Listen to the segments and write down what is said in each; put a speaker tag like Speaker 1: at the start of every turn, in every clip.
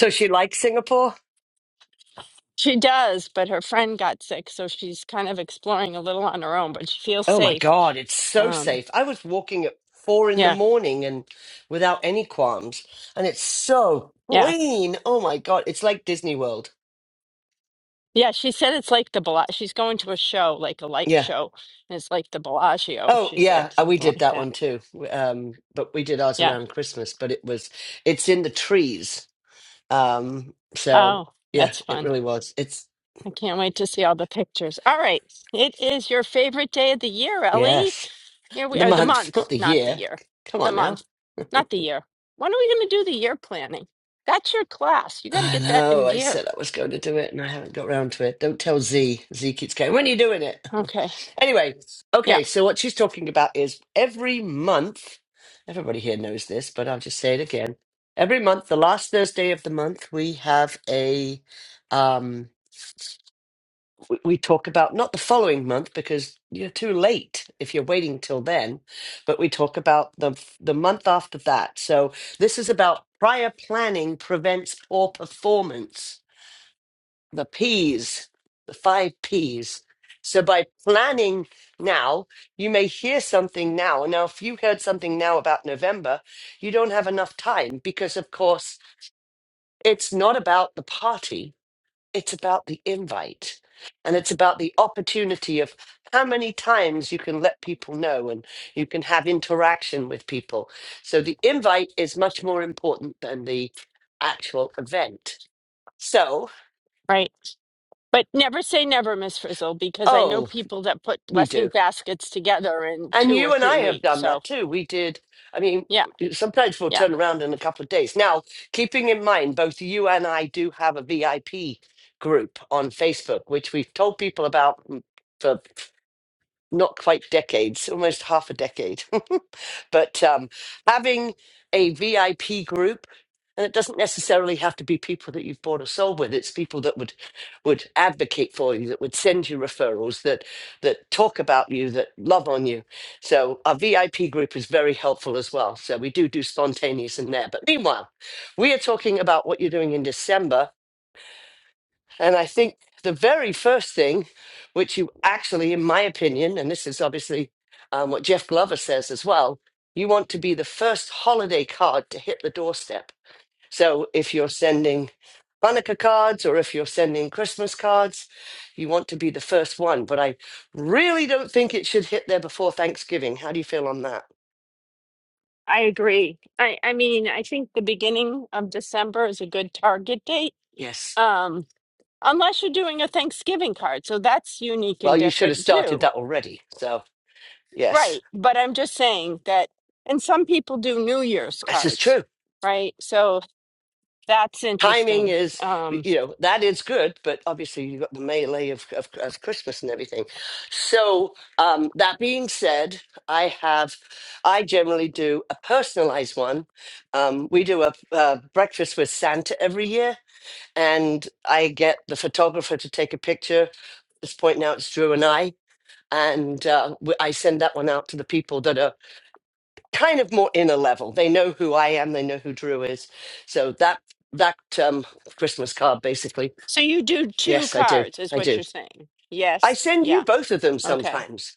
Speaker 1: So she likes Singapore?
Speaker 2: She does, but her friend got sick, so she's kind of exploring a little on her own, but she feels
Speaker 1: Oh my
Speaker 2: safe.
Speaker 1: God, it's so
Speaker 2: Um,
Speaker 1: safe. I was walking at four in the
Speaker 2: yeah,
Speaker 1: morning and without any qualms, and it's so
Speaker 2: yeah.
Speaker 1: clean. Oh my God, it's like Disney World.
Speaker 2: Yeah, she said it's like the Bellagio. She's going to a show, like a light
Speaker 1: Yeah.
Speaker 2: show, and it's like the Bellagio,
Speaker 1: Oh
Speaker 2: she
Speaker 1: yeah,
Speaker 2: said,
Speaker 1: uh, we
Speaker 2: something
Speaker 1: did
Speaker 2: like
Speaker 1: that
Speaker 2: that.
Speaker 1: one too. W- Um, but we did ours
Speaker 2: Yeah.
Speaker 1: around Christmas. But it was, it's in the trees. Um, so
Speaker 2: Oh,
Speaker 1: yeah,
Speaker 2: that's
Speaker 1: it
Speaker 2: fun.
Speaker 1: really was. It's
Speaker 2: I can't wait to see all the pictures. All right. It is your favorite day of the year, Ellie.
Speaker 1: yes,
Speaker 2: Here we
Speaker 1: the
Speaker 2: are, the
Speaker 1: month,
Speaker 2: month,
Speaker 1: not the
Speaker 2: not the
Speaker 1: year.
Speaker 2: year.
Speaker 1: Come
Speaker 2: The
Speaker 1: on now.
Speaker 2: month, not the year. When are we going to do the year planning? That's your class. You got to
Speaker 1: I
Speaker 2: get that
Speaker 1: know.
Speaker 2: in
Speaker 1: I
Speaker 2: gear.
Speaker 1: said I was going to do it, and I haven't got round to it. Don't tell Z. Z keeps going. When are you doing it?
Speaker 2: Okay.
Speaker 1: anyway,
Speaker 2: Yeah.
Speaker 1: okay. So what she's talking about is every month. Everybody here knows this, but I'll just say it again. Every month, the last Thursday of the month, we have a. Um, we, we talk about not the following month because you're too late if you're waiting till then, but we talk about the the month after that. So this is about prior planning prevents poor performance the P's, the five P's. So by planning now, you may hear something now. Now, if you heard something now about November, you don't have enough time because, of course, it's not about the party, it's about the invite. And it's about the opportunity of how many times you can let people know and you can have interaction with people. So the invite is much more important than the actual event. So,
Speaker 2: Right. But never say never, Miss Frizzle, because I know
Speaker 1: oh,
Speaker 2: people that put
Speaker 1: we do.
Speaker 2: blessing baskets together in
Speaker 1: And
Speaker 2: two or
Speaker 1: you and
Speaker 2: three
Speaker 1: I have
Speaker 2: weeks.
Speaker 1: done
Speaker 2: So,
Speaker 1: that too. We did, I mean,
Speaker 2: yeah,
Speaker 1: sometimes we'll
Speaker 2: yeah,
Speaker 1: turn around in a couple of days. Now, keeping in mind, both you and I do have a VIP group on Facebook, which we've told people about mm, for not quite decades, almost half a decade. but um, having a VIP group, and it doesn't necessarily have to be people that you've bought or sold with. It's people that would would advocate for you, that would send you referrals, that that talk about you, that love on you. So our VIP group is very helpful as well. So we do do spontaneous in there. But meanwhile, we are talking about what you're doing in December and I think the very first thing, which you actually, in my opinion, and this is obviously um, what Jeff Glover says as well, you want to be the first holiday card to hit the doorstep. So if you're sending Hanukkah cards or if you're sending Christmas cards, you want to be the first one. But I really don't think it should hit there before Thanksgiving. How do you feel on that?
Speaker 2: I agree. I, I mean, I think the beginning of December is a good target date,
Speaker 1: Yes.
Speaker 2: um, unless you're doing a Thanksgiving card. So that's unique
Speaker 1: Well,
Speaker 2: and
Speaker 1: you should have
Speaker 2: different
Speaker 1: started
Speaker 2: too.
Speaker 1: that already. So, yes,
Speaker 2: Right. But I'm just saying that, and some people do New Year's
Speaker 1: this is true.
Speaker 2: cards, right? So that's
Speaker 1: timing
Speaker 2: interesting.
Speaker 1: is
Speaker 2: Um,
Speaker 1: you know that is good but obviously you've got the melee of, of, of christmas and everything so um that being said i have i generally do a personalized one um we do a, a breakfast with santa every year and i get the photographer to take a picture at this point now it's drew and i and uh, w- i send that one out to the people that are kind of more inner level. They know who I am. They know who Drew is. So that that um, Christmas card, basically.
Speaker 2: so you do two
Speaker 1: Yes, I do.
Speaker 2: cards, is
Speaker 1: I
Speaker 2: what
Speaker 1: do.
Speaker 2: you're saying.
Speaker 1: I
Speaker 2: Yes.
Speaker 1: send you
Speaker 2: Yeah.
Speaker 1: both of them
Speaker 2: Okay.
Speaker 1: sometimes.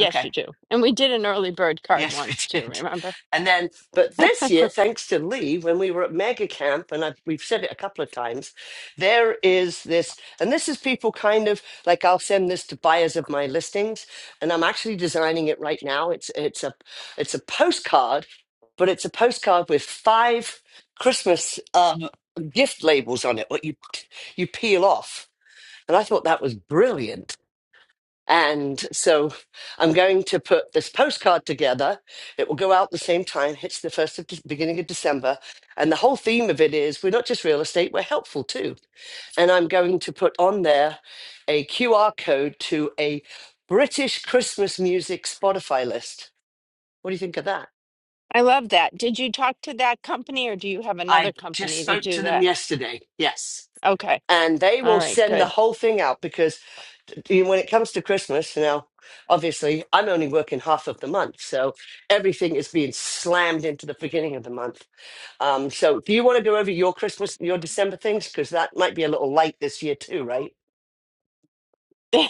Speaker 1: Okay.
Speaker 2: you do. And we did an early bird card once
Speaker 1: Yes, we
Speaker 2: too,
Speaker 1: did.
Speaker 2: remember?
Speaker 1: And then, but this year, thanks to Lee, when we were at Mega Camp, and i we've said it a couple of times, there is this, and this is people kind of like I'll send this to buyers of my listings, and I'm actually designing it right now. It's it's a it's a postcard, but it's a postcard with five Christmas um, gift labels on it. What you you peel off, and I thought that was brilliant and so I'm going to put this postcard together. It will go out the same time, hits the first of De- beginning of December. And the whole theme of it is we're not just real estate, we're helpful too. And I'm going to put on there a QR code to a British Christmas music Spotify list. What do you think of that?
Speaker 2: I love that. Did you talk to that company or do you have another
Speaker 1: I just
Speaker 2: company to
Speaker 1: spoke
Speaker 2: do
Speaker 1: to them
Speaker 2: that?
Speaker 1: yesterday. Yes.
Speaker 2: Okay.
Speaker 1: and they
Speaker 2: All
Speaker 1: will
Speaker 2: right,
Speaker 1: send the
Speaker 2: good.
Speaker 1: whole thing out because you know, when it comes to Christmas, now, obviously, I'm only working half of the month. So everything is being slammed into the beginning of the month. Um, so do you want to go over your Christmas, your December things? Because that might be a little light this year, too, right?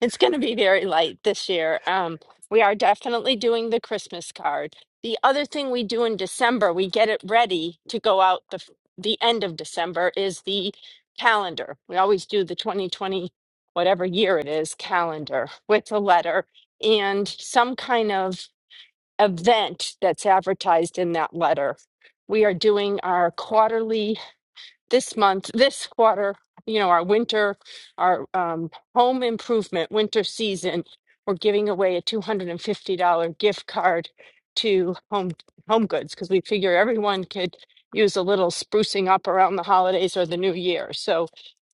Speaker 2: It's going to be very light this year. Um, we are definitely doing the Christmas card. The other thing we do in December, we get it ready to go out the f- the end of December is the calendar. We always do the 2020 whatever year it is calendar with a letter and some kind of event that's advertised in that letter. We are doing our quarterly this month, this quarter, you know, our winter, our um, home improvement winter season. We're giving away a $250 gift card to Home Home Goods because we figure everyone could use a little sprucing up around the holidays or the new year. So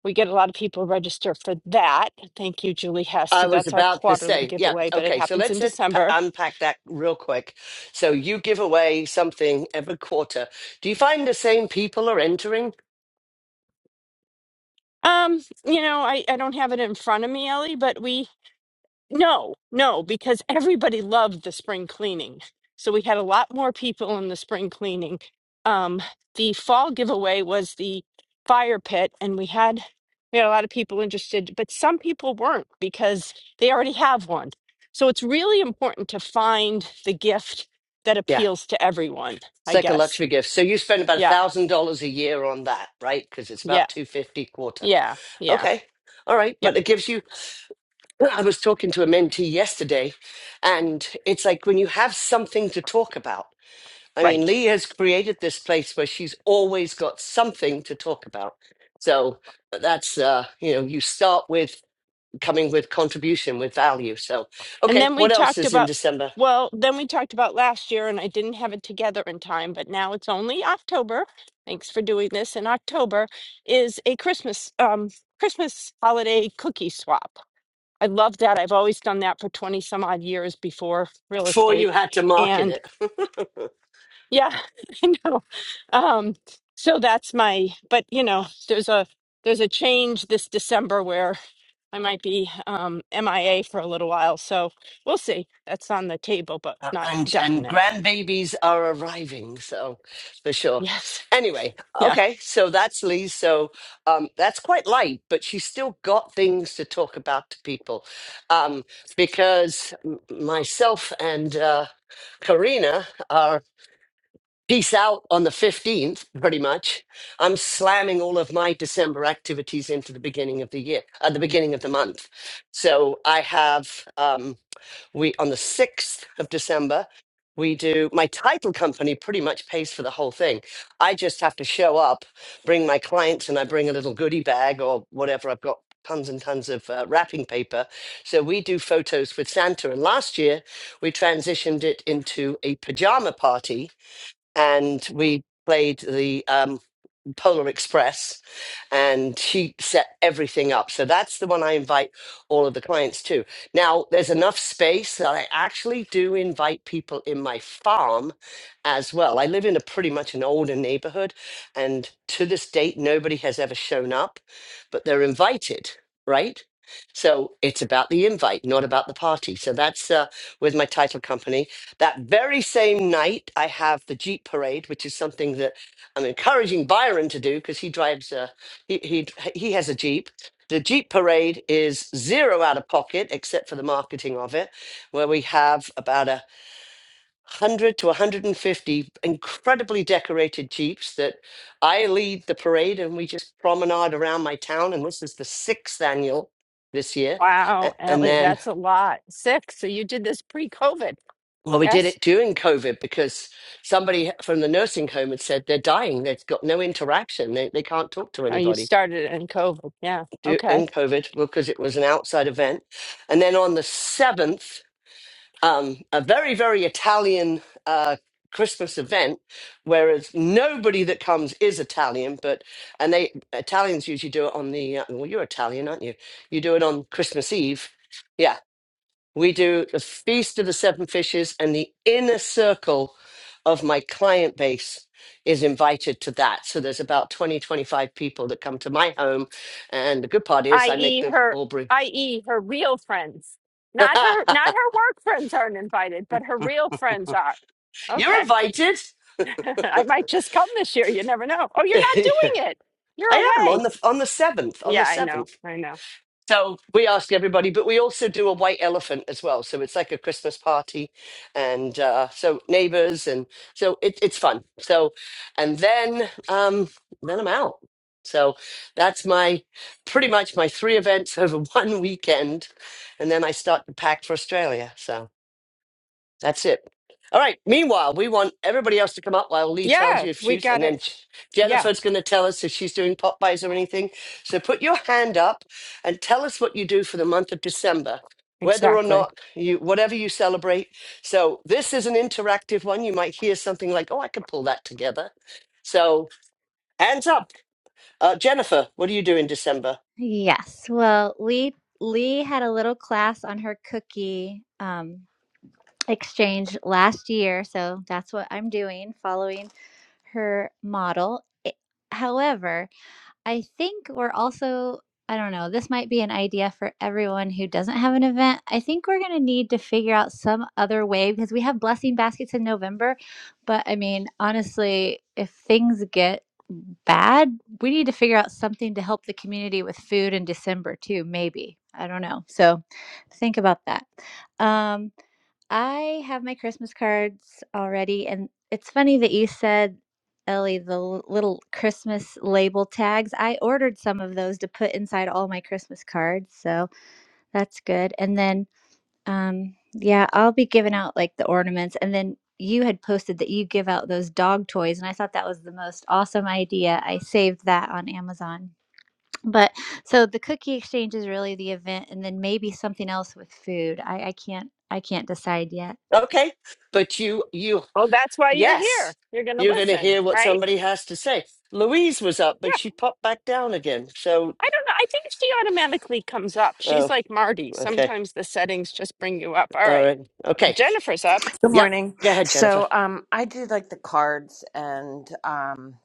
Speaker 2: we get a lot of people register for that. Thank you, Julie Hess.
Speaker 1: I
Speaker 2: So
Speaker 1: was
Speaker 2: that's our
Speaker 1: about to
Speaker 2: quarterly
Speaker 1: say, yeah,
Speaker 2: giveaway, but it
Speaker 1: okay. So
Speaker 2: happens in
Speaker 1: let's let's p-
Speaker 2: December
Speaker 1: unpack that real quick. So you give away something every quarter. Do you find the same people are entering?
Speaker 2: Um, you know, I, I don't have it in front of me, Ellie, but we, no, no, because everybody loved the spring cleaning. So we had a lot more people in the spring cleaning. Um, the fall giveaway was the fire pit, and we had we had a lot of people interested, but some people weren't because they already have one. So it's really important to find the gift that
Speaker 1: Yeah.
Speaker 2: appeals to everyone,
Speaker 1: It's
Speaker 2: I
Speaker 1: like a
Speaker 2: guess.
Speaker 1: luxury gift. So you spend about a
Speaker 2: Yeah,
Speaker 1: thousand dollars a year on that, right? Because it's
Speaker 2: yeah,
Speaker 1: about two fifty quarter.
Speaker 2: yeah, yeah,
Speaker 1: Okay, all right,
Speaker 2: yeah.
Speaker 1: but it gives you. I was talking to a mentee yesterday, and it's like when you have something to talk about. I mean,
Speaker 2: Right.
Speaker 1: Lee has created this place where she's always got something to talk about. So uh, that's uh, you know, you start with coming with contribution with value. So
Speaker 2: And
Speaker 1: okay,
Speaker 2: then we
Speaker 1: what else
Speaker 2: talked
Speaker 1: is in
Speaker 2: about,
Speaker 1: December
Speaker 2: well, then we talked about last year, and I didn't have it together in time, but now it's only October. Thanks for doing this. In October is a Christmas um, Christmas holiday cookie swap. I love that. I've always done that for 20 some odd years before real
Speaker 1: before you
Speaker 2: estate.
Speaker 1: had to market
Speaker 2: And
Speaker 1: it?
Speaker 2: yeah, I know. Um, so that's my, but you know, there's a there's a change this December where I might be um, MIA for a little while, so we'll see. That's on the table, but
Speaker 1: Uh,
Speaker 2: not
Speaker 1: and and
Speaker 2: definite.
Speaker 1: grandbabies are arriving so for sure
Speaker 2: Yes.
Speaker 1: anyway
Speaker 2: Yeah.
Speaker 1: okay so that's lee so um that's quite light but she's still got things to talk about to people um because m- myself and uh karina are peace out on the 15th pretty much i'm slamming all of my december activities into the beginning of the year at the beginning of the month so i have um we on the 6th of december we do my title company pretty much pays for the whole thing i just have to show up bring my clients and i bring a little goodie bag or whatever i've got tons and tons of uh, wrapping paper so we do photos with santa and last year we transitioned it into a pajama party and we played the um, Polar Express, and she set everything up. So that's the one I invite all of the clients to. Now, there's enough space that I actually do invite people in my farm as well. I live in a pretty much an older neighborhood, and to this date, nobody has ever shown up, but they're invited, right? So it's about the invite, not about the party. So that's uh, with my title company. That very same night, I have the Jeep Parade, which is something that I'm encouraging Byron to do because he drives a he he he has a Jeep. The Jeep parade is zero out of pocket except for the marketing of it, where we have about a hundred to 150 incredibly decorated Jeeps that I lead the parade and we just promenade around my town. And this is the sixth annual this year. A-
Speaker 2: Wow,
Speaker 1: And
Speaker 2: Ellie,
Speaker 1: then
Speaker 2: that's a lot. Six. So you did this pre-COVID.
Speaker 1: well, we did
Speaker 2: Yes.
Speaker 1: it during COVID because somebody from the nursing home had said they're dying. They've got no interaction. They, they can't talk to
Speaker 2: Oh, you
Speaker 1: anybody.
Speaker 2: started it in COVID. Yeah.
Speaker 1: do,
Speaker 2: Okay.
Speaker 1: in COVID because it was an outside event. And then on the 7th, um, a very, very Italian uh, Christmas event, whereas nobody that comes is Italian, but, and they, Italians usually do it on the, uh, well, you're Italian, aren't you? You do it on Christmas Eve. yeah. We do the Feast of the Seven Fishes, and the inner circle of my client base is invited to that. So there's about 20, 25 people that come to my home. And the good part is I make
Speaker 2: I.e.
Speaker 1: them
Speaker 2: her,
Speaker 1: all brew.
Speaker 2: i.e. her real friends, not her, not her work friends aren't invited, but her real friends are.
Speaker 1: You're
Speaker 2: Okay.
Speaker 1: invited.
Speaker 2: I might just come this year. You never know. Oh, you're not
Speaker 1: I
Speaker 2: doing it. You're
Speaker 1: am on
Speaker 2: away.
Speaker 1: the on the seventh. On the
Speaker 2: Yeah, I know.
Speaker 1: seventh.
Speaker 2: I know.
Speaker 1: So we ask everybody, but we also do a white elephant as well. So it's like a Christmas party, and uh, so neighbors, and so it, it's fun. So, and then um, then I'm out. So that's my pretty much my three events over one weekend, and then I start to pack for Australia. So. That's it. All right. Meanwhile, we want everybody else to come up while Lee tells
Speaker 2: Yeah,
Speaker 1: you if
Speaker 2: we
Speaker 1: she's,
Speaker 2: got
Speaker 1: and
Speaker 2: to
Speaker 1: then
Speaker 2: Yeah,
Speaker 1: Jennifer's going to tell us if she's doing pop buys or anything. So put your hand up and tell us what you do for the month of December, whether or
Speaker 2: exactly.
Speaker 1: not you, whatever you celebrate. So this is an interactive one. You might hear something like, oh, I could pull that together. So hands up. Uh, Jennifer, what do you do in December?
Speaker 3: Yes. Well, Lee Lee had a little class on her cookie um, exchange last year, so that's what I'm doing, following her model. It- however, I think we're also, I don't know, this might be an idea for everyone who doesn't have an event. I think we're going to need to figure out some other way because we have blessing baskets in November. But I mean, honestly, if things get bad, we need to figure out something to help the community with food in December too, maybe. I don't know. So think about that. Um, I have my Christmas cards already, and it's funny that you said, Ellie, the l- little Christmas label tags. I ordered some of those to put inside all my Christmas cards, so that's good. And then, um, yeah, I'll be giving out like the ornaments. And then you had posted that you give out those dog toys, and I thought that was the most awesome idea. I saved that on Amazon. But so the cookie exchange is really the event, and then maybe something else with food. I, I can't I can't decide yet.
Speaker 1: Okay, but you, you,
Speaker 2: Well, that's why you're
Speaker 1: yes,
Speaker 2: here. You're going to
Speaker 1: you're going to
Speaker 2: listen,
Speaker 1: hear what
Speaker 2: right?
Speaker 1: somebody has to say. Louise was up, but
Speaker 2: Yeah.
Speaker 1: she popped back down again. So,
Speaker 2: I don't know. I think she automatically comes up. She's
Speaker 1: oh,
Speaker 2: like Marty.
Speaker 1: okay,
Speaker 2: Sometimes the settings just bring you up. All
Speaker 1: all
Speaker 2: right.
Speaker 1: right,
Speaker 2: But
Speaker 1: okay.
Speaker 2: Jennifer's up.
Speaker 4: Good
Speaker 1: Yep.
Speaker 4: morning.
Speaker 1: Go ahead, Jennifer.
Speaker 4: So um, I do like the cards, and um,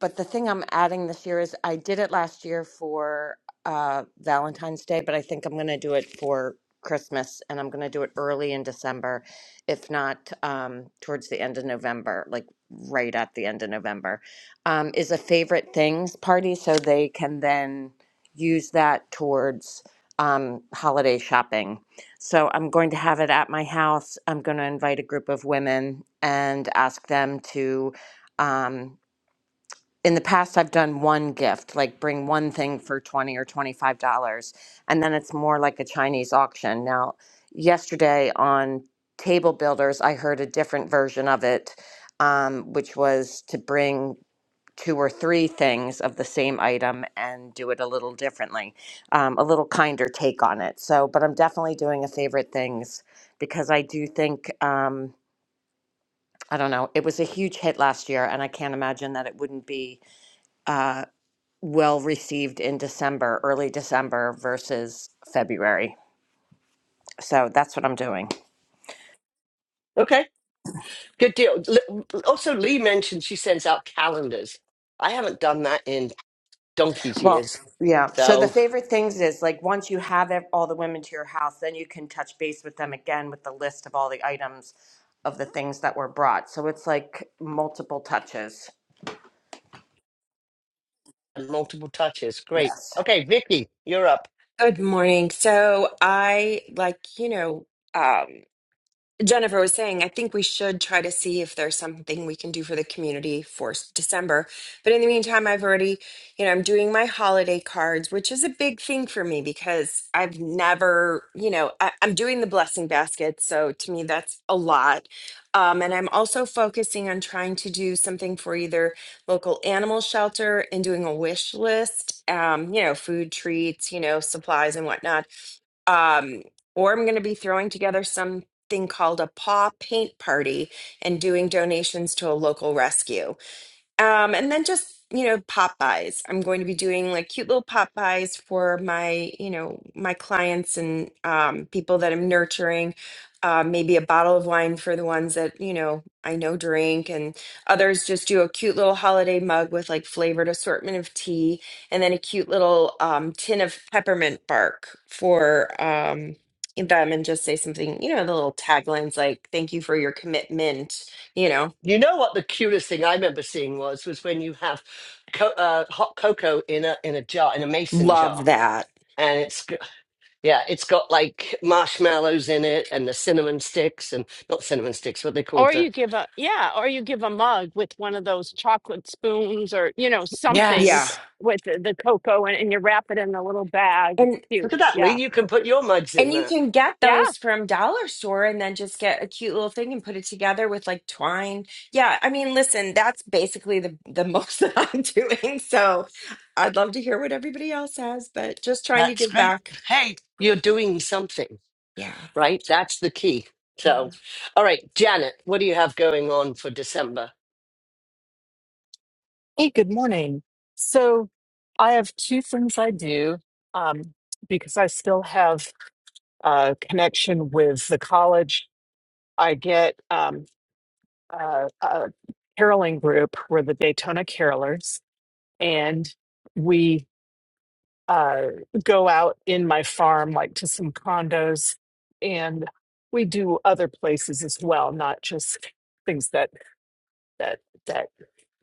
Speaker 4: but the thing I'm adding this year is I did it last year for uh, Valentine's Day, but I think I'm going to do it for Christmas and I'm going to do it early in December, if not um, towards the end of November, like right at the end of November, um, is a favorite things party. So they can then use that towards um, holiday shopping. So I'm going to have it at my house. I'm going to invite a group of women and ask them to. Um, in the past I've done one gift, like bring one thing for 20 or 25 dollars, and then it's more like a Chinese auction. Now, yesterday on Table Builders, I heard a different version of it, um, which was to bring two or three things of the same item and do it a little differently, um, a little kinder take on it. So, but I'm definitely doing a favorite things because I do think, um, I don't know, it was a huge hit last year, and I can't imagine that it wouldn't be. Uh, well received in December, early December versus February. So that's what I'm doing.
Speaker 1: Okay. Good deal. L- Also, Lee mentioned she sends out calendars. I haven't done that in donkey's
Speaker 4: Well,
Speaker 1: years.
Speaker 4: yeah. So the
Speaker 1: So,
Speaker 4: favorite things is like once you have ev- all the women to your house, then you can touch base with them again with the list of all the items of the things that were brought. So it's like multiple touches.
Speaker 1: and multiple touches. Great.
Speaker 4: Yes.
Speaker 1: Okay, Vicky, you're up.
Speaker 5: Good morning. So I like, you know, um, Jennifer was saying, I think we should try to see if there's something we can do for the community for s- December. But in the meantime, I've already, you know, I'm doing my holiday cards, which is a big thing for me because I've never, you know, I, I'm doing the blessing basket. So to me, that's a lot. Um, and I'm also focusing on trying to do something for either local animal shelter and doing a wish list, um, you know, food treats, you know, supplies and whatnot um, or I'm going to be throwing together some thing called a paw paint party and doing donations to a local rescue. Um, and then just, you know, pop buys. I'm going to be doing like cute little pop buys for my, you know, my clients and um, people that I'm nurturing. Uh, maybe a bottle of wine for the ones that, you know, I know drink, and others just do a cute little holiday mug with like flavored assortment of tea and then a cute little um, tin of peppermint bark for um, them and just say something, you know, the little taglines like, thank you for your commitment, you know,
Speaker 1: You know what the cutest thing I remember seeing was was when you have co- uh, hot cocoa in a in a jar in a mason
Speaker 5: love
Speaker 1: jar,
Speaker 5: that.
Speaker 1: and it's g- yeah, it's got like marshmallows in it and the cinnamon sticks and not cinnamon sticks, what they
Speaker 2: Or
Speaker 1: called the
Speaker 2: you give a, yeah, or you give a mug with one of those chocolate spoons or, you know, something
Speaker 5: Yeah.
Speaker 1: yes.
Speaker 2: with the, the cocoa and, and you wrap it in a little bag. It's
Speaker 5: And
Speaker 2: cute.
Speaker 1: Look at that,
Speaker 2: Yeah.
Speaker 1: Lee. You can put your mugs
Speaker 5: and
Speaker 1: in
Speaker 5: you can get
Speaker 2: Yeah.
Speaker 5: those from dollar store and then just get a cute little thing and put it together with like twine. Yeah, I mean, listen, that's basically the the most that I'm doing. So I'd love to hear what everybody else has, but just trying to
Speaker 1: That's
Speaker 5: give
Speaker 1: great.
Speaker 5: back.
Speaker 1: Hey, you're doing something,
Speaker 5: Yeah.
Speaker 1: right? That's the key.
Speaker 5: yeah.
Speaker 1: So, all right, Janet, what do you have going on for December?
Speaker 6: Hey, good morning. So, I have two things I do um, because I still have a connection with the college. I get um, a, a caroling group, we're the Daytona Carolers, and we uh, go out in my farm, like to some condos, and we do other places as well, not just things that that that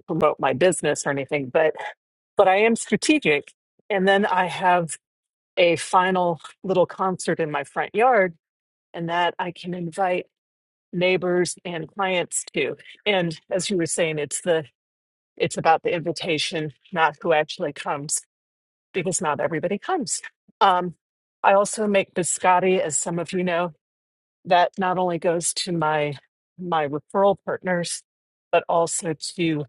Speaker 6: promote my business or anything, but but I am strategic. And then I have a final little concert in my front yard, and that I can invite neighbors and clients to. And as you were saying, it's the it's about the invitation, not who actually comes, because not everybody comes. Um, I also make biscotti, as some of you know, that not only goes to my my referral partners, but also to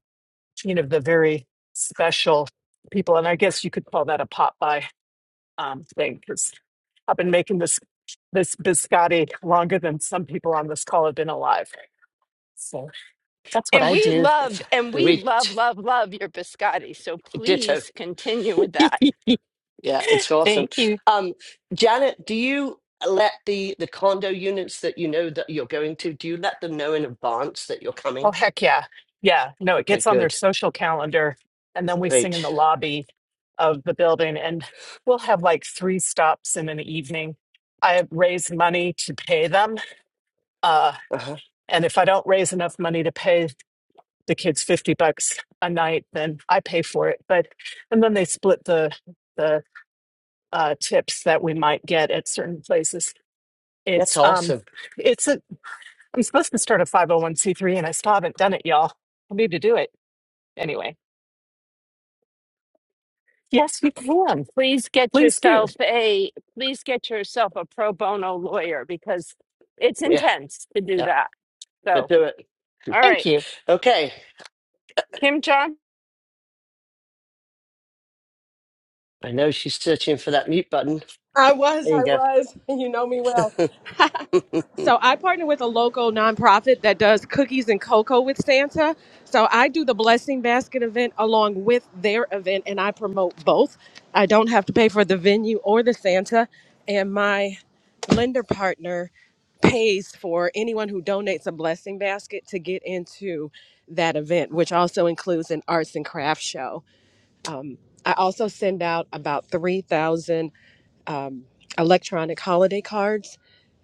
Speaker 6: you know the very special people. And I guess you could call that a pop by um, thing because I've been making this this biscotti longer than some people on this call have been alive. So that's what
Speaker 2: And
Speaker 6: I
Speaker 2: we
Speaker 6: do.
Speaker 2: love,
Speaker 1: That's-
Speaker 2: and we
Speaker 1: We
Speaker 2: love, love, love your biscotti. So
Speaker 1: ditto.
Speaker 2: please continue with that.
Speaker 1: Yeah, it's awesome.
Speaker 6: Thank you.
Speaker 1: Um, Janet, do you let the the condo units that you know that you're going to? Do you let them know in advance that you're
Speaker 6: Oh
Speaker 1: coming?
Speaker 6: heck yeah, yeah. No, it
Speaker 1: Okay,
Speaker 6: gets on their
Speaker 1: good,
Speaker 6: social calendar, and then we sing in the
Speaker 1: great.
Speaker 6: lobby of the building, and we'll have like three stops in an evening. I raise money to pay them, uh,
Speaker 1: Uh-huh.
Speaker 6: and if I don't raise enough money to pay the kids fifty bucks a night, then I pay for it. But and then they split the the uh, tips that we might get at certain places.
Speaker 1: That's
Speaker 6: It's um,
Speaker 1: awesome.
Speaker 6: it's a. I'm supposed to start a 501c3, and I still haven't done it, y'all. I need to do it anyway. Yes, you can.
Speaker 2: please get
Speaker 6: Please do.
Speaker 2: yourself a please get yourself a pro bono lawyer because it's
Speaker 1: Yeah,
Speaker 2: intense to do
Speaker 1: yeah,
Speaker 2: that.
Speaker 1: but
Speaker 2: So,
Speaker 1: do it.
Speaker 2: all
Speaker 6: Thank
Speaker 2: right,
Speaker 6: you.
Speaker 1: Okay,
Speaker 2: Kim John,
Speaker 1: I know she's searching for that mute button.
Speaker 7: I was,
Speaker 1: There
Speaker 7: I
Speaker 1: you
Speaker 7: was. You know me well.
Speaker 1: go.
Speaker 7: So I partner with a local nonprofit that does cookies and cocoa with Santa. So I do the blessing basket event along with their event and I promote both. I don't have to pay for the venue or the Santa and my lender partner pays for anyone who donates a blessing basket to get into that event, which also includes an arts and crafts show. I also send out about 3,000 um, electronic holiday cards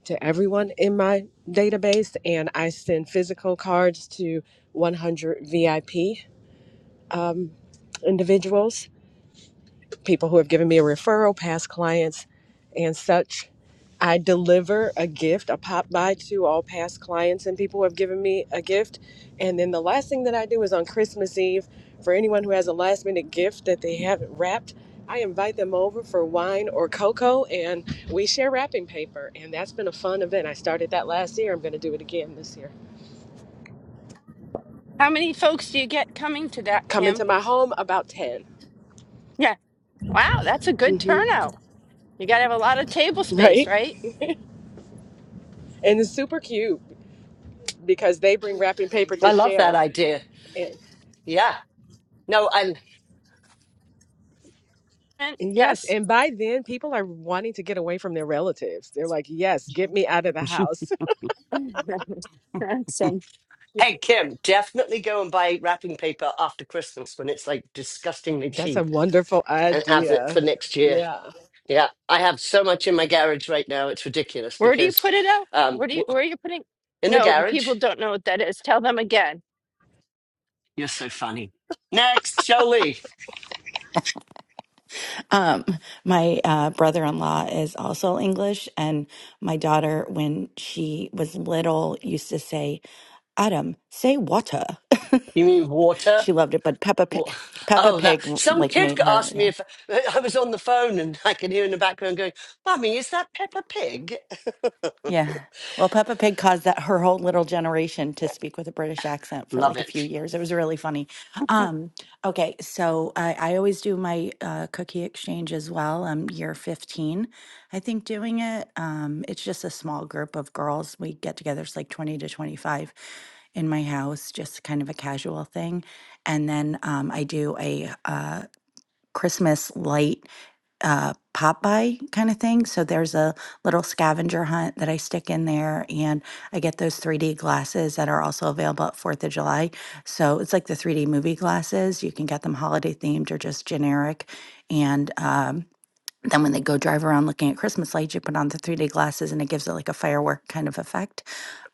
Speaker 7: to everyone in my database, and I send physical cards to 100 VIP individuals people who have given me a referral, past clients, and such. I deliver a gift, a pop by to all past clients and people who have given me a gift. And then the last thing that I do is on Christmas Eve, for anyone who has a last minute gift that they haven't wrapped, I invite them over for wine or cocoa and we share wrapping paper. And that's been a fun event. I started that last year. I'm going to do it again this year.
Speaker 2: how many folks do you get coming to that,
Speaker 7: Come
Speaker 2: Kim?
Speaker 7: into my home about 10.
Speaker 2: Yeah. Wow, that's a good
Speaker 7: hmm
Speaker 2: turnout. You got to have a lot of table space,
Speaker 7: Right?
Speaker 2: right?
Speaker 7: And it's super cute because they bring wrapping paper to
Speaker 1: I love that
Speaker 7: share.
Speaker 1: idea. Yeah. No, and
Speaker 2: And
Speaker 7: Yes,
Speaker 2: yes.
Speaker 7: and by then people are wanting to get away from their relatives. They're like, "Yes, get me out of the house."
Speaker 2: Awesome.
Speaker 7: Yeah.
Speaker 1: hey, Kim, definitely go and buy wrapping paper after Christmas when it's like disgustingly
Speaker 7: That's a
Speaker 1: cheap
Speaker 7: wonderful
Speaker 1: and have it
Speaker 7: idea.
Speaker 1: for next year.
Speaker 7: Yeah.
Speaker 1: Yeah. I have so much in my garage right now. It's ridiculous
Speaker 2: Where do you
Speaker 1: because
Speaker 2: put it out?
Speaker 1: um,
Speaker 2: Where do you
Speaker 1: w-
Speaker 2: where are you putting?
Speaker 1: in the
Speaker 2: No, the
Speaker 1: garage,
Speaker 2: people don't know what that is. Tell them again.
Speaker 1: you're so funny. Next, Jolie.
Speaker 8: Um, my uh, brother-in-law is also English, and my daughter, when she was little, used to say, "Adam, say water."
Speaker 1: You mean water?
Speaker 8: she loved it, but Peppa
Speaker 1: Wa-
Speaker 8: Pig, Peppa
Speaker 1: Oh, that
Speaker 8: Pig,
Speaker 1: some
Speaker 8: like
Speaker 1: kid
Speaker 8: made her,
Speaker 1: asked me
Speaker 8: yeah.
Speaker 1: if uh, I was on the phone and I could hear in the background going, Mummy, is that Peppa Pig?
Speaker 8: Yeah. Well, Peppa Pig caused that her whole little generation to speak with a British accent for
Speaker 1: Love
Speaker 8: like a
Speaker 1: it.
Speaker 8: few years. It was really funny. Um, okay, so I, I always do my uh, cookie exchange as well. I'm year 15, I think, doing it. Um, it's just a small group of girls. We get together, it's like 20 to 25 in my house, just kind of a casual thing. And then um, I do a, uh, Christmas light uh, pop by kind of thing. So there's a little scavenger hunt that I stick in there, and I get those 3D glasses that are also available at Fourth of July. So it's like the 3D movie glasses. You can get them holiday themed or just generic, and um, then when they go drive around looking at Christmas lights, you put on the 3D glasses and it gives it like a firework kind of effect.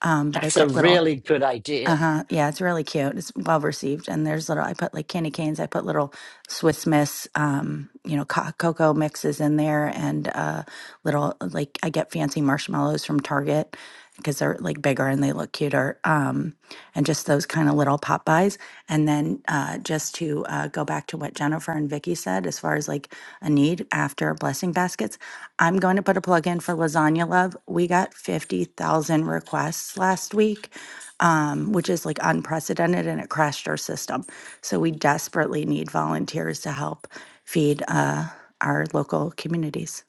Speaker 8: Um, but I
Speaker 1: That's a
Speaker 8: put little
Speaker 1: really good idea.
Speaker 8: uh-huh. Yeah, it's really cute. It's well received. And there's little I put like candy canes, I put little Swiss Miss um, you know, co- cocoa mixes in there and uh little like I get fancy marshmallows from Target because they're like bigger and they look cuter. Um and just those kind of little pop buys. And then uh just to uh go back to what Jennifer and Vicky said as far as like a need after blessing baskets, I'm going to put a plug in for Lasagna Love. We got 50,000 requests last week um, which is like unprecedented and it crashed our system. So we desperately need volunteers to help feed uh, our local communities.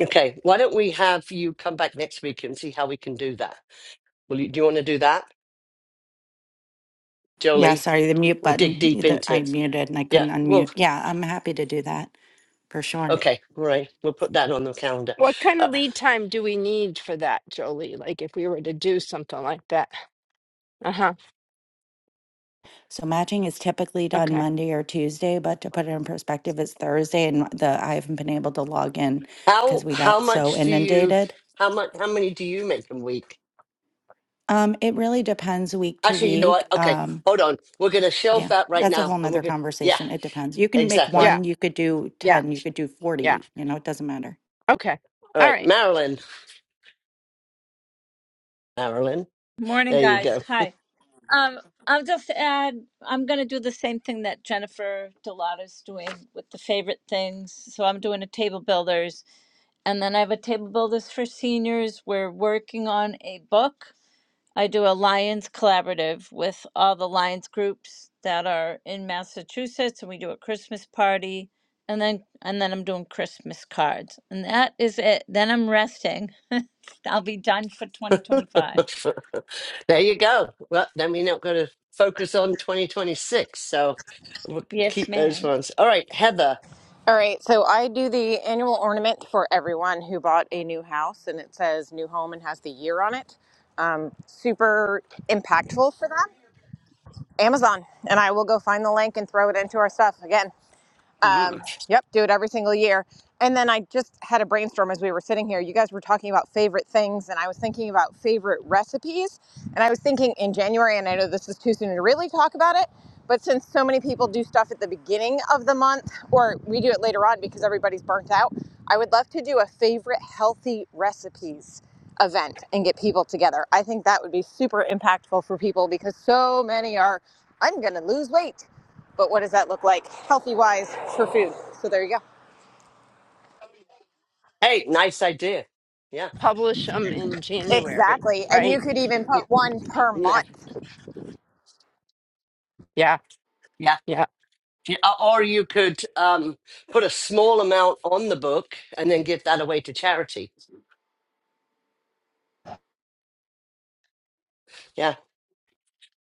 Speaker 1: Okay, why don't we have you come back next week and see how we can do that? Will you, do you want to do that,
Speaker 8: Yeah,
Speaker 1: Jolie?
Speaker 8: sorry, the mute
Speaker 1: We'll dig
Speaker 8: button.
Speaker 1: deep
Speaker 8: the-
Speaker 1: into
Speaker 8: I
Speaker 1: it.
Speaker 8: muted and I
Speaker 1: Yeah,
Speaker 8: couldn't
Speaker 1: well,
Speaker 8: unmute. Yeah, I'm happy to do that for sure.
Speaker 1: okay, all right. We'll put that on the calendar.
Speaker 2: What kind
Speaker 1: Uh,
Speaker 2: of lead time do we need for that, Jolie? Like if we were to do something like that. Uh-huh.
Speaker 8: So matching is typically done
Speaker 2: Okay.
Speaker 8: Monday or Tuesday, but to put it in perspective, it's Thursday, and the I haven't been able to log in
Speaker 1: how
Speaker 8: because we
Speaker 1: how
Speaker 8: got so
Speaker 1: much do you
Speaker 8: inundated.
Speaker 1: how much how many do you make a week?
Speaker 8: Um, it really depends week to
Speaker 1: Actually, you know what?
Speaker 8: week.
Speaker 1: Okay,
Speaker 8: Um,
Speaker 1: hold on. We're going to shelve
Speaker 8: Yeah,
Speaker 1: that right
Speaker 8: that's a
Speaker 1: now,
Speaker 8: whole
Speaker 1: and we're
Speaker 8: nother
Speaker 1: going. to Yeah,
Speaker 8: conversation. It depends. You can make
Speaker 1: exactly.
Speaker 2: Yeah.
Speaker 8: one, you could do
Speaker 2: Yeah.
Speaker 8: 10, you could do
Speaker 2: Yeah.
Speaker 8: 40, you know, it doesn't matter.
Speaker 2: Okay.
Speaker 1: All
Speaker 2: All
Speaker 1: right,
Speaker 2: right.
Speaker 1: Marilyn. Marilyn,
Speaker 9: Morning,
Speaker 1: there you go.
Speaker 9: guys. Hi. Um, I'll just add, I'm going to do the same thing that Jennifer Delato's doing with the favorite things. So I'm doing a table builders, and then I have a table builders for seniors. We're working on a book. I do a Lions collaborative with all the Lions groups that are in Massachusetts, and we do a Christmas party, and then and then I'm doing Christmas cards, and that is it. Then I'm resting. I'll be done for 2025.
Speaker 1: there you go. Well, then we're not going to focus on 2026. So we'll
Speaker 9: Yes,
Speaker 1: keep those
Speaker 9: ma'am.
Speaker 1: ones. All right, Heather.
Speaker 10: All right, so I do the annual ornament for everyone who bought a new house, and it says new home and has the year on it. Um, super impactful for them. Amazon, and I will go find the link and throw it into our stuff again. Um,
Speaker 1: Mm.
Speaker 10: yep, do it every single year. And then I just had a brainstorm as we were sitting here. You guys were talking about favorite things, and I was thinking about favorite recipes. And I was thinking in January, and I know this is too soon to really talk about it, but since so many people do stuff at the beginning of the month, or we do it later on because everybody's burnt out, I would love to do a favorite healthy recipes event and get people together. I think that would be super impactful for people because so many are, I'm going to lose weight. But what does that look like healthy wise for food? So there you go.
Speaker 1: Hey, nice idea. Yeah.
Speaker 2: Publish them in January,
Speaker 10: Exactly. And you
Speaker 2: right?
Speaker 10: could even put
Speaker 2: Y-
Speaker 10: one per
Speaker 2: Yeah.
Speaker 10: month.
Speaker 2: Yeah.
Speaker 1: Yeah.
Speaker 2: Yeah,
Speaker 1: Yeah, Or or you could um, put a small amount on the book and then give that away to charity. Yeah.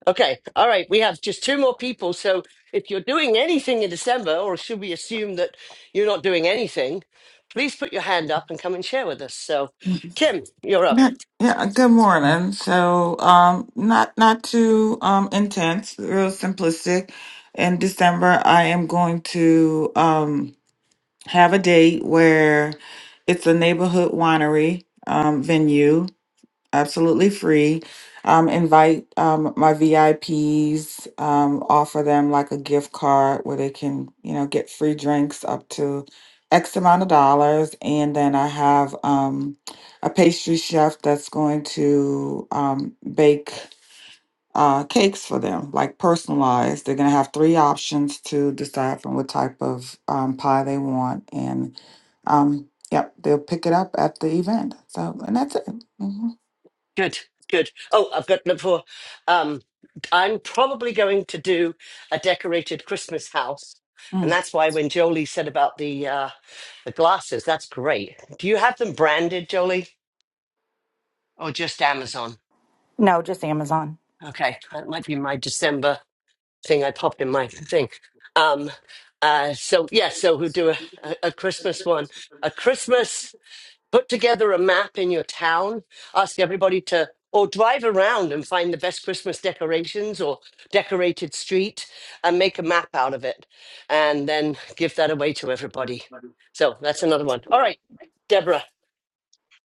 Speaker 1: Okay. All right. We have just two more people. So if you're doing anything in December, or should we assume that you're not doing anything, please put your hand up and come and share with us. So, Kim, you're up.
Speaker 11: Yeah, yeah, good morning. So, um, not not too um intense, real simplistic. In December, I am going to um have a date where it's a neighborhood winery um venue absolutely free. Um, invite um, my VIPs, um, offer them like a gift card where they can, you know, get free drinks up to X amount of dollars. And then I have um, a pastry chef that's going to um, bake uh, cakes for them, like personalized. They're going to have three options to decide from what type of um, pie they want. And um, yep, they'll pick it up at the event. So, and that's it. hmm
Speaker 1: Good, good. Oh, I've got number four. Um, I'm probably going to do a decorated Christmas house, and that's why when Jolie said about the uh, the glasses, that's great. Do you have them branded, Jolie, or just Amazon?
Speaker 8: No, just Amazon.
Speaker 1: Okay, that might be my December thing. I popped in my thing. Um, uh, so yeah, so we'll do a, a, a Christmas one, a Christmas. put together a map in your town, ask everybody to, or drive around and find the best Christmas decorations or decorated street and make a map out of it and then give that away to everybody. So that's another one. All right, Deborah.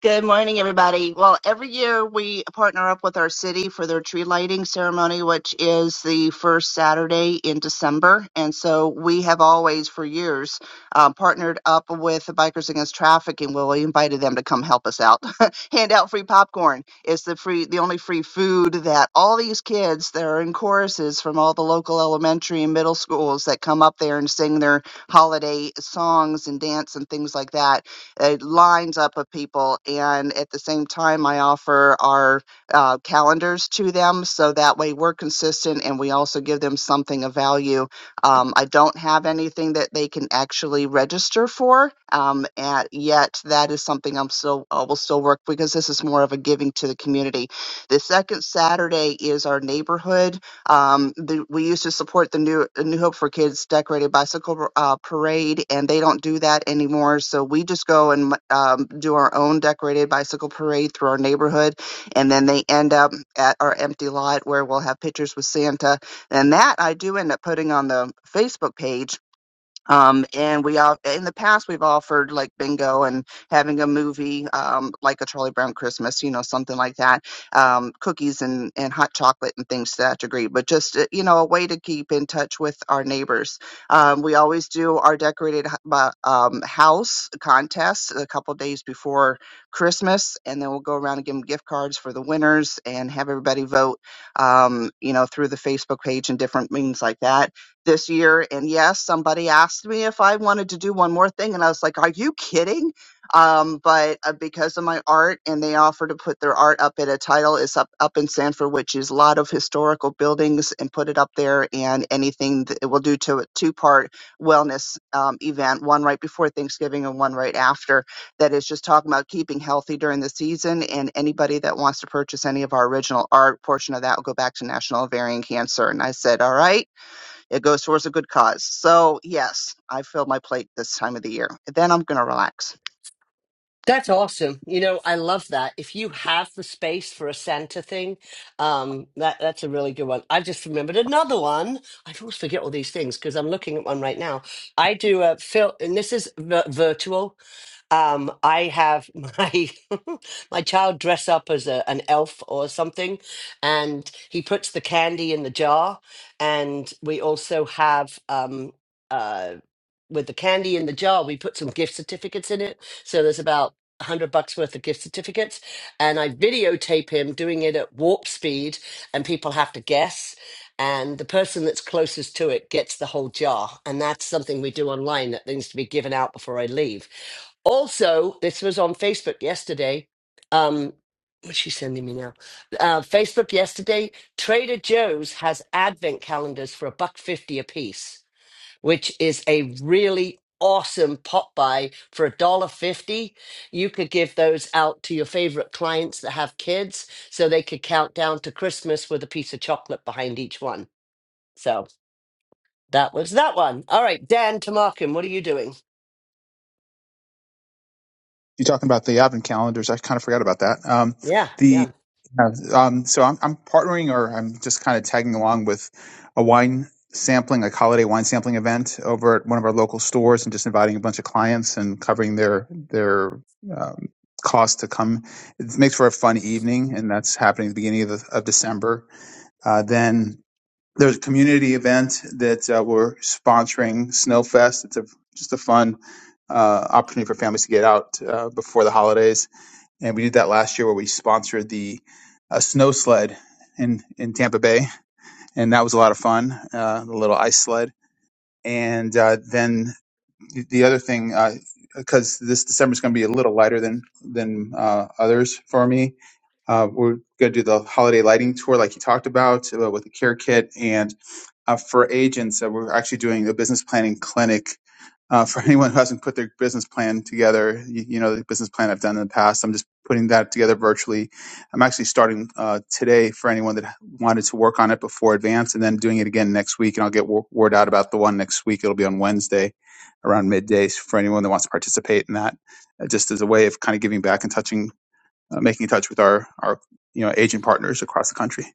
Speaker 12: Good morning, everybody. Well, every year we partner up with our city for their tree lighting ceremony, which is the first Saturday in December. And so we have always, for years, um, partnered up with the Bikers Against Trafficking. Well, we invited them to come help us out, hand out free popcorn. It's the free, the only free food that all these kids that are in choruses from all the local elementary and middle schools that come up there and sing their holiday songs and dance and things like that it lines up of people. And at the same time, I offer our uh, calendars to them so that way we're consistent and we also give them something of value. Um, I don't have anything that they can actually register for, um, at, yet that is something I'm still I will still work because this is more of a giving to the community. The second Saturday is our neighborhood um, the, we used to support the New New Hope for Kids decorated bicycle uh, parade, and they don't do that anymore. So we just go and um, do our own decorated bicycle parade through our neighborhood, and then they end up at our empty lot where we'll have pictures with Santa, and that I do end up putting on the Facebook page um, and we all in the past we've offered like bingo and having a movie um, like a Charlie Brown Christmas, you know, something like that, um, cookies and and hot chocolate and things to that degree. But just uh, you know, a way to keep in touch with our neighbors. Um, we always do our decorated h- bu- um, house contest a couple days before Christmas, and then we'll go around and give them gift cards for the winners and have everybody vote. Um, you know, through the Facebook page and different means like that this year. And yes, somebody asked me if I wanted to do one more thing. And I was like, are you kidding? Um, but uh, because of my art, and they offer to put their art up at a title, is up, up in Sanford, which is a lot of historical buildings, and put it up there. And anything that it will do to a two part wellness um, event, one right before Thanksgiving and one right after, that is just talking about keeping healthy during the season. And anybody that wants to purchase any of our original art portion of that will go back to National Ovarian Cancer. And I said, all right. It goes towards a good cause. So yes, I filled my plate this time of the year. Then I'm gonna relax.
Speaker 1: That's awesome. You know, I love that. If you have the space for a Santa thing, um, that that's a really good one. I just remembered another one. I always forget all these things because I'm looking at one right now. I do a film, and this is vi- virtual. Um, I have my my child dress up as a, an elf or something, and he puts the candy in the jar. And we also have um, uh, with the candy in the jar, we put some gift certificates in it. So there's about a hundred bucks worth of gift certificates, and I videotape him doing it at warp speed, and people have to guess. And the person that's closest to it gets the whole jar, and that's something we do online that needs to be given out before I leave. Also, this was on Facebook yesterday. Um, what's she sending me now? Uh, Facebook yesterday. Trader Joe's has advent calendars for a buck fifty a piece, which is a really awesome pop buy for a dollar fifty. You could give those out to your favorite clients that have kids, so they could count down to Christmas with a piece of chocolate behind each one. So that was that one. All right, Dan Tamarkin, what are you doing?
Speaker 13: you are talking about the advent calendars. I kind of forgot about that. Um,
Speaker 1: Yeah,
Speaker 13: the
Speaker 1: yeah.
Speaker 13: uh, um, so I'm, I'm partnering or I'm just kind of tagging along with a wine sampling, like holiday wine sampling event over at one of our local stores, and just inviting a bunch of clients and covering their their um, cost to come. It makes for a fun evening, and that's happening at the beginning of, the, of December. Uh, then there's a community event that uh, we're sponsoring snowfest it's a, just a fun uh, opportunity for families to get out uh, before the holidays and we did that last year where we sponsored the uh, snow sled in, in tampa bay and that was a lot of fun uh, the little ice sled and uh, then the the other thing uh, because this december is going to be a little lighter than than uh, others for me uh, we're going to do the holiday lighting tour like you talked about uh, with the care kit and uh, for agents that we're actually doing a business planning clinic uh, for anyone who hasn't put their business plan together. You, you know, the business plan I've done in the past, I'm just putting that together virtually. I'm actually starting uh, today for anyone that wanted to work on it before advance and then doing it again next week. And I'll get wo- word out about the one next week. It'll be on Wednesday around midday for anyone that wants to participate in that, uh, just as a way of kind of giving back and touching, uh, making in touch with our, our, you know, agent partners across the country,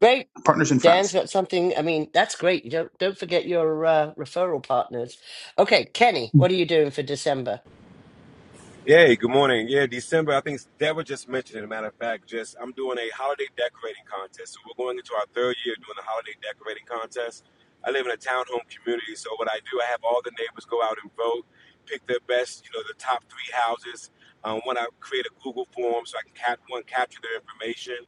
Speaker 1: great.
Speaker 13: partners and
Speaker 1: Dan's
Speaker 13: friends.
Speaker 1: got something. I mean, that's great. You Don't don't forget your uh, referral partners. Okay, Kenny, what are you doing for December?
Speaker 14: Yeah, good morning. Yeah, December. I think Deborah just mentioned it. a matter of fact, just I'm doing a holiday decorating contest. So we're going into our third year doing the holiday decorating contest. I live in a townhome community, so what I do, I have all the neighbors go out and vote, pick their best, you know, the top three houses. Um, when I create a Google form, so I can cap- one capture their information,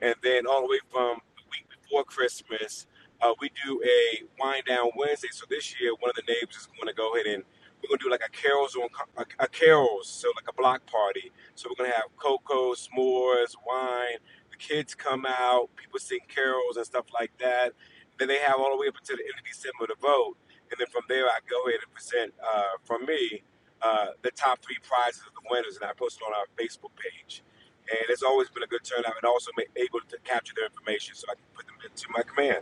Speaker 14: and then all the way from the week before Christmas, uh, we do a wind down Wednesday. So this year, one of the neighbors is going to go ahead and we're gonna do like a carols on a, a carols, so like a block party. So we're gonna have cocoa, s'mores, wine. The kids come out, people sing carols and stuff like that. Then they have all the way up until the end of December to vote, and then from there I go ahead and present uh, from me uh, the top three prizes of the winners, and I post it on our Facebook page. And it's always been a good turnout, and also ma- able to capture their information so I can put them into my command.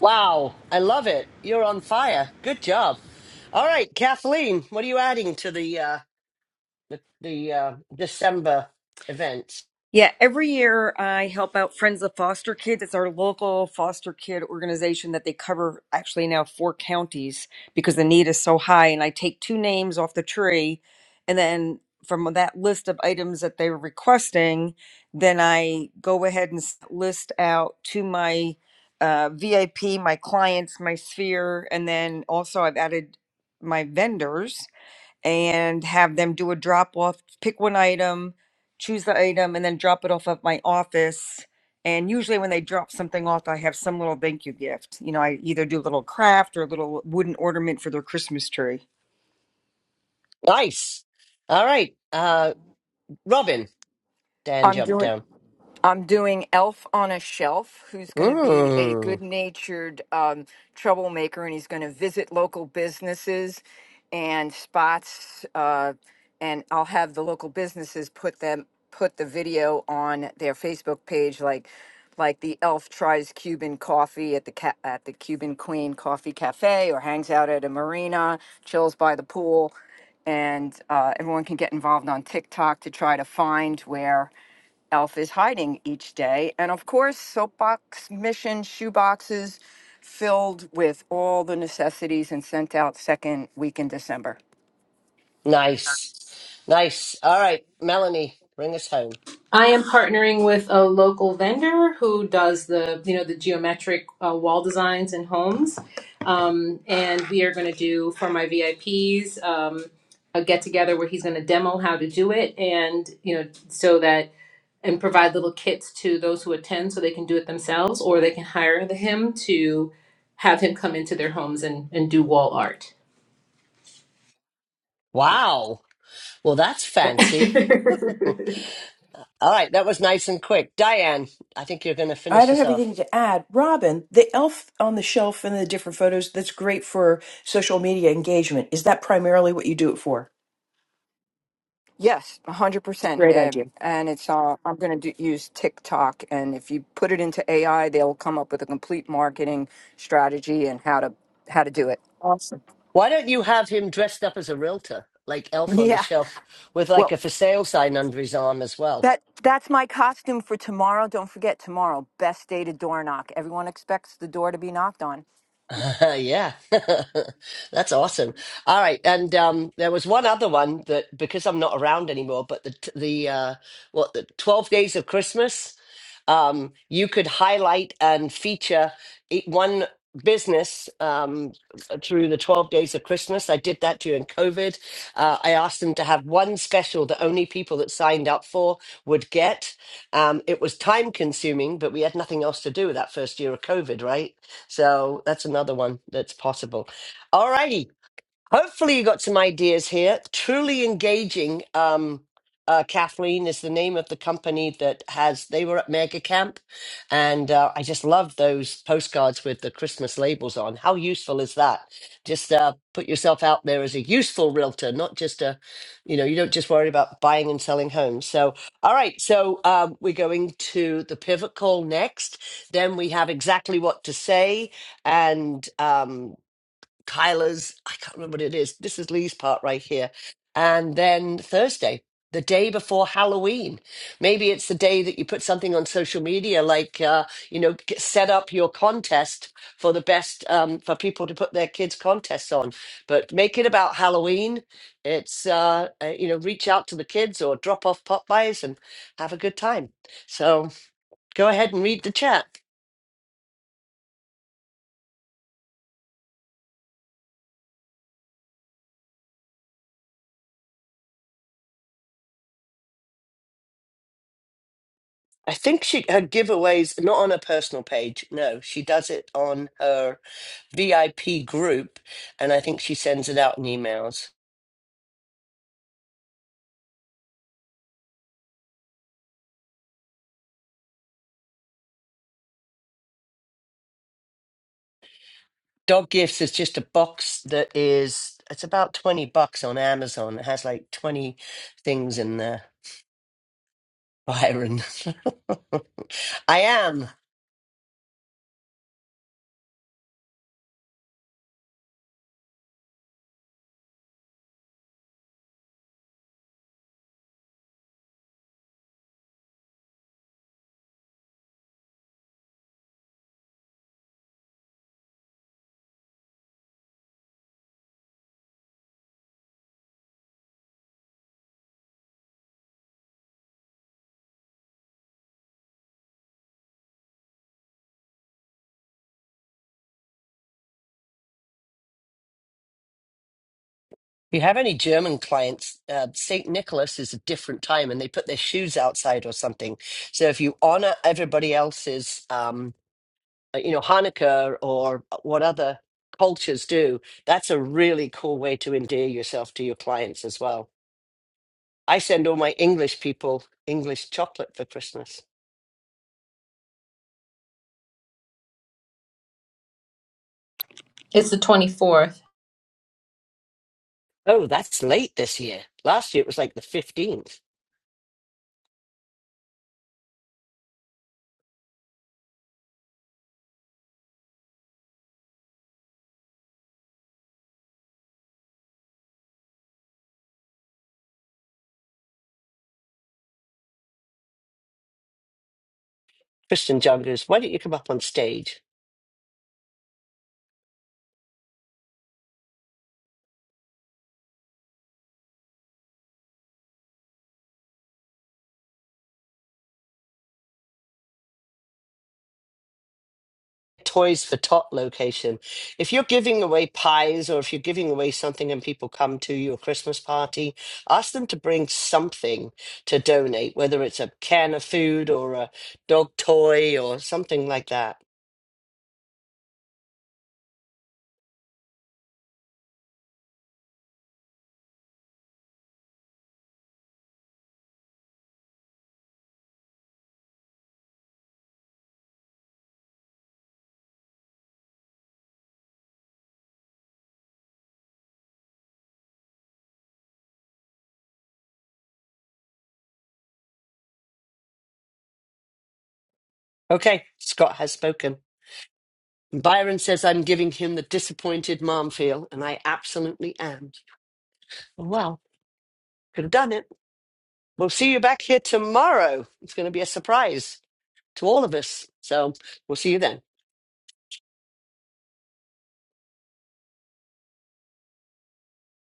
Speaker 1: Wow, I love it. You're on fire. Good job. All right, Kathleen, what are you adding to the uh, the, the uh, December events?
Speaker 15: Yeah, every year I help out Friends of Foster Kids. It's our local foster kid organization that they cover actually now four counties because the need is so high. And I take two names off the tree, and then from that list of items that they're requesting, then I go ahead and s- list out to my uh, VIP, my clients, my sphere, and then also I've added my vendors and have them do a drop off, pick one item, choose the item, and then drop it off at my office. And usually, when they drop something off, I have some little thank you gift. You know, I either do a little craft or a little wooden ornament for their Christmas tree.
Speaker 1: Nice. All right, uh, Robin. Dan
Speaker 16: I'm
Speaker 1: jumped
Speaker 16: doing
Speaker 1: down.
Speaker 16: I'm doing Elf on a Shelf, who's going to be a
Speaker 1: Mm,
Speaker 16: good-natured um, troublemaker, and he's going to visit local businesses and spots, uh, and I'll have the local businesses put them put the video on their Facebook page, like like the elf tries Cuban coffee at the ca- at the Cuban Queen Coffee Cafe, or hangs out at a marina, chills by the pool and uh, everyone can get involved on TikTok to try to find where Elf is hiding each day. And of course, soapbox mission shoeboxes filled with all the necessities and sent out second week in December.
Speaker 1: nice, nice. All right, Melanie, bring us home.
Speaker 17: I am partnering with a local vendor who does the, you know, the geometric uh, wall designs in homes. Um, and we are going to do for my VIPs um, a get together where he's going to demo how to do it, and you know, so that and provide little kits to those who attend so they can do it themselves or they can hire the- him to have him come into their homes and, and do wall art.
Speaker 1: Wow. Well, that's
Speaker 17: it's
Speaker 1: fancy. All right, that was nice and quick. Diane, I think you're going to
Speaker 18: I
Speaker 1: finish
Speaker 18: don't
Speaker 1: this
Speaker 18: have anything
Speaker 1: off.
Speaker 18: to add. Robin, the elf on the shelf and the different photos, that's great for social media engagement. Is that primarily what you do it for?
Speaker 16: Yes, 100%.
Speaker 18: Great idea.
Speaker 16: Um, and it's uh, I'm going to do, use TikTok. And if you put it into AI, they'll come up with a complete marketing strategy and how to how to do it.
Speaker 1: Why don't you have him dressed up as a realtor, like Elf on the
Speaker 16: Yeah.
Speaker 1: Shelf, with like
Speaker 16: Well,
Speaker 1: a for sale sign under his arm as well?
Speaker 16: That that's my costume for tomorrow. Don't forget tomorrow, best day to door knock. Everyone expects the door to be knocked on.
Speaker 1: yeah, that's awesome. All right, and um, there was one other one that because I'm not around anymore, but the t- the uh, what the Twelve Days of Christmas, um, you could highlight and feature e- one business um, through the Twelve Days of Christmas. I did that during COVID. Uh, I asked them to have one special that only people that signed up for would get. Um, it was time consuming, but we had nothing else to do that first year of COVID, right? So that's another one that's possible. All righty. Hopefully, you got some ideas here. Truly engaging. Um, uh, Kathleen is the name of the company that has. They were at Mega Camp, and uh, I just love those postcards with the Christmas labels on. How useful is that? Just uh, put yourself out there as a useful realtor, not just a, you know, you don't just worry about buying and selling homes. So, all right, so um, we're going to the pivot call next. Then we have exactly what to say and. um, Kyla's, I can't remember what it is. This is Lee's part right here. And then Thursday, the day before Halloween. Maybe it's the day that you put something on social media, like, uh, you know, g- set up your contest for the best, um, for people to put their kids' contests on. But make it about Halloween. It's, uh, uh, you know, reach out to the kids or drop off pop buys and have a good time. So go ahead and read the chat. I think she her giveaways not on her personal page. No, she does it on her VIP group, and I think she sends it out in emails. Dog gifts is just a box that is it's about twenty bucks on Amazon. It has like twenty things in there. Byron, I am. If you have any German clients? Uh, Saint Nicholas is a different time, and they put their shoes outside or something. So if you honor everybody else's. Um, uh, you know Hanukkah or what other cultures do. That's a really cool way to endear yourself to your clients as well. I send all my English people English chocolate for Christmas.
Speaker 17: the 24th.
Speaker 1: Oh, that's late this year. Last year it was like the 15th. Christian John goes, Why don't you come up on stage? Toys for Tot location. If you're giving away pies or if you're giving away something and people come to your Christmas party, ask them to bring something to donate, whether it's a can of food or a dog toy or something like that. Okay, Scott has spoken. Byron says I'm giving him the disappointed mom feel, and I absolutely am. Well, could have done it. We'll see you back here tomorrow. It's going to be a surprise to all of us. So we'll see you then.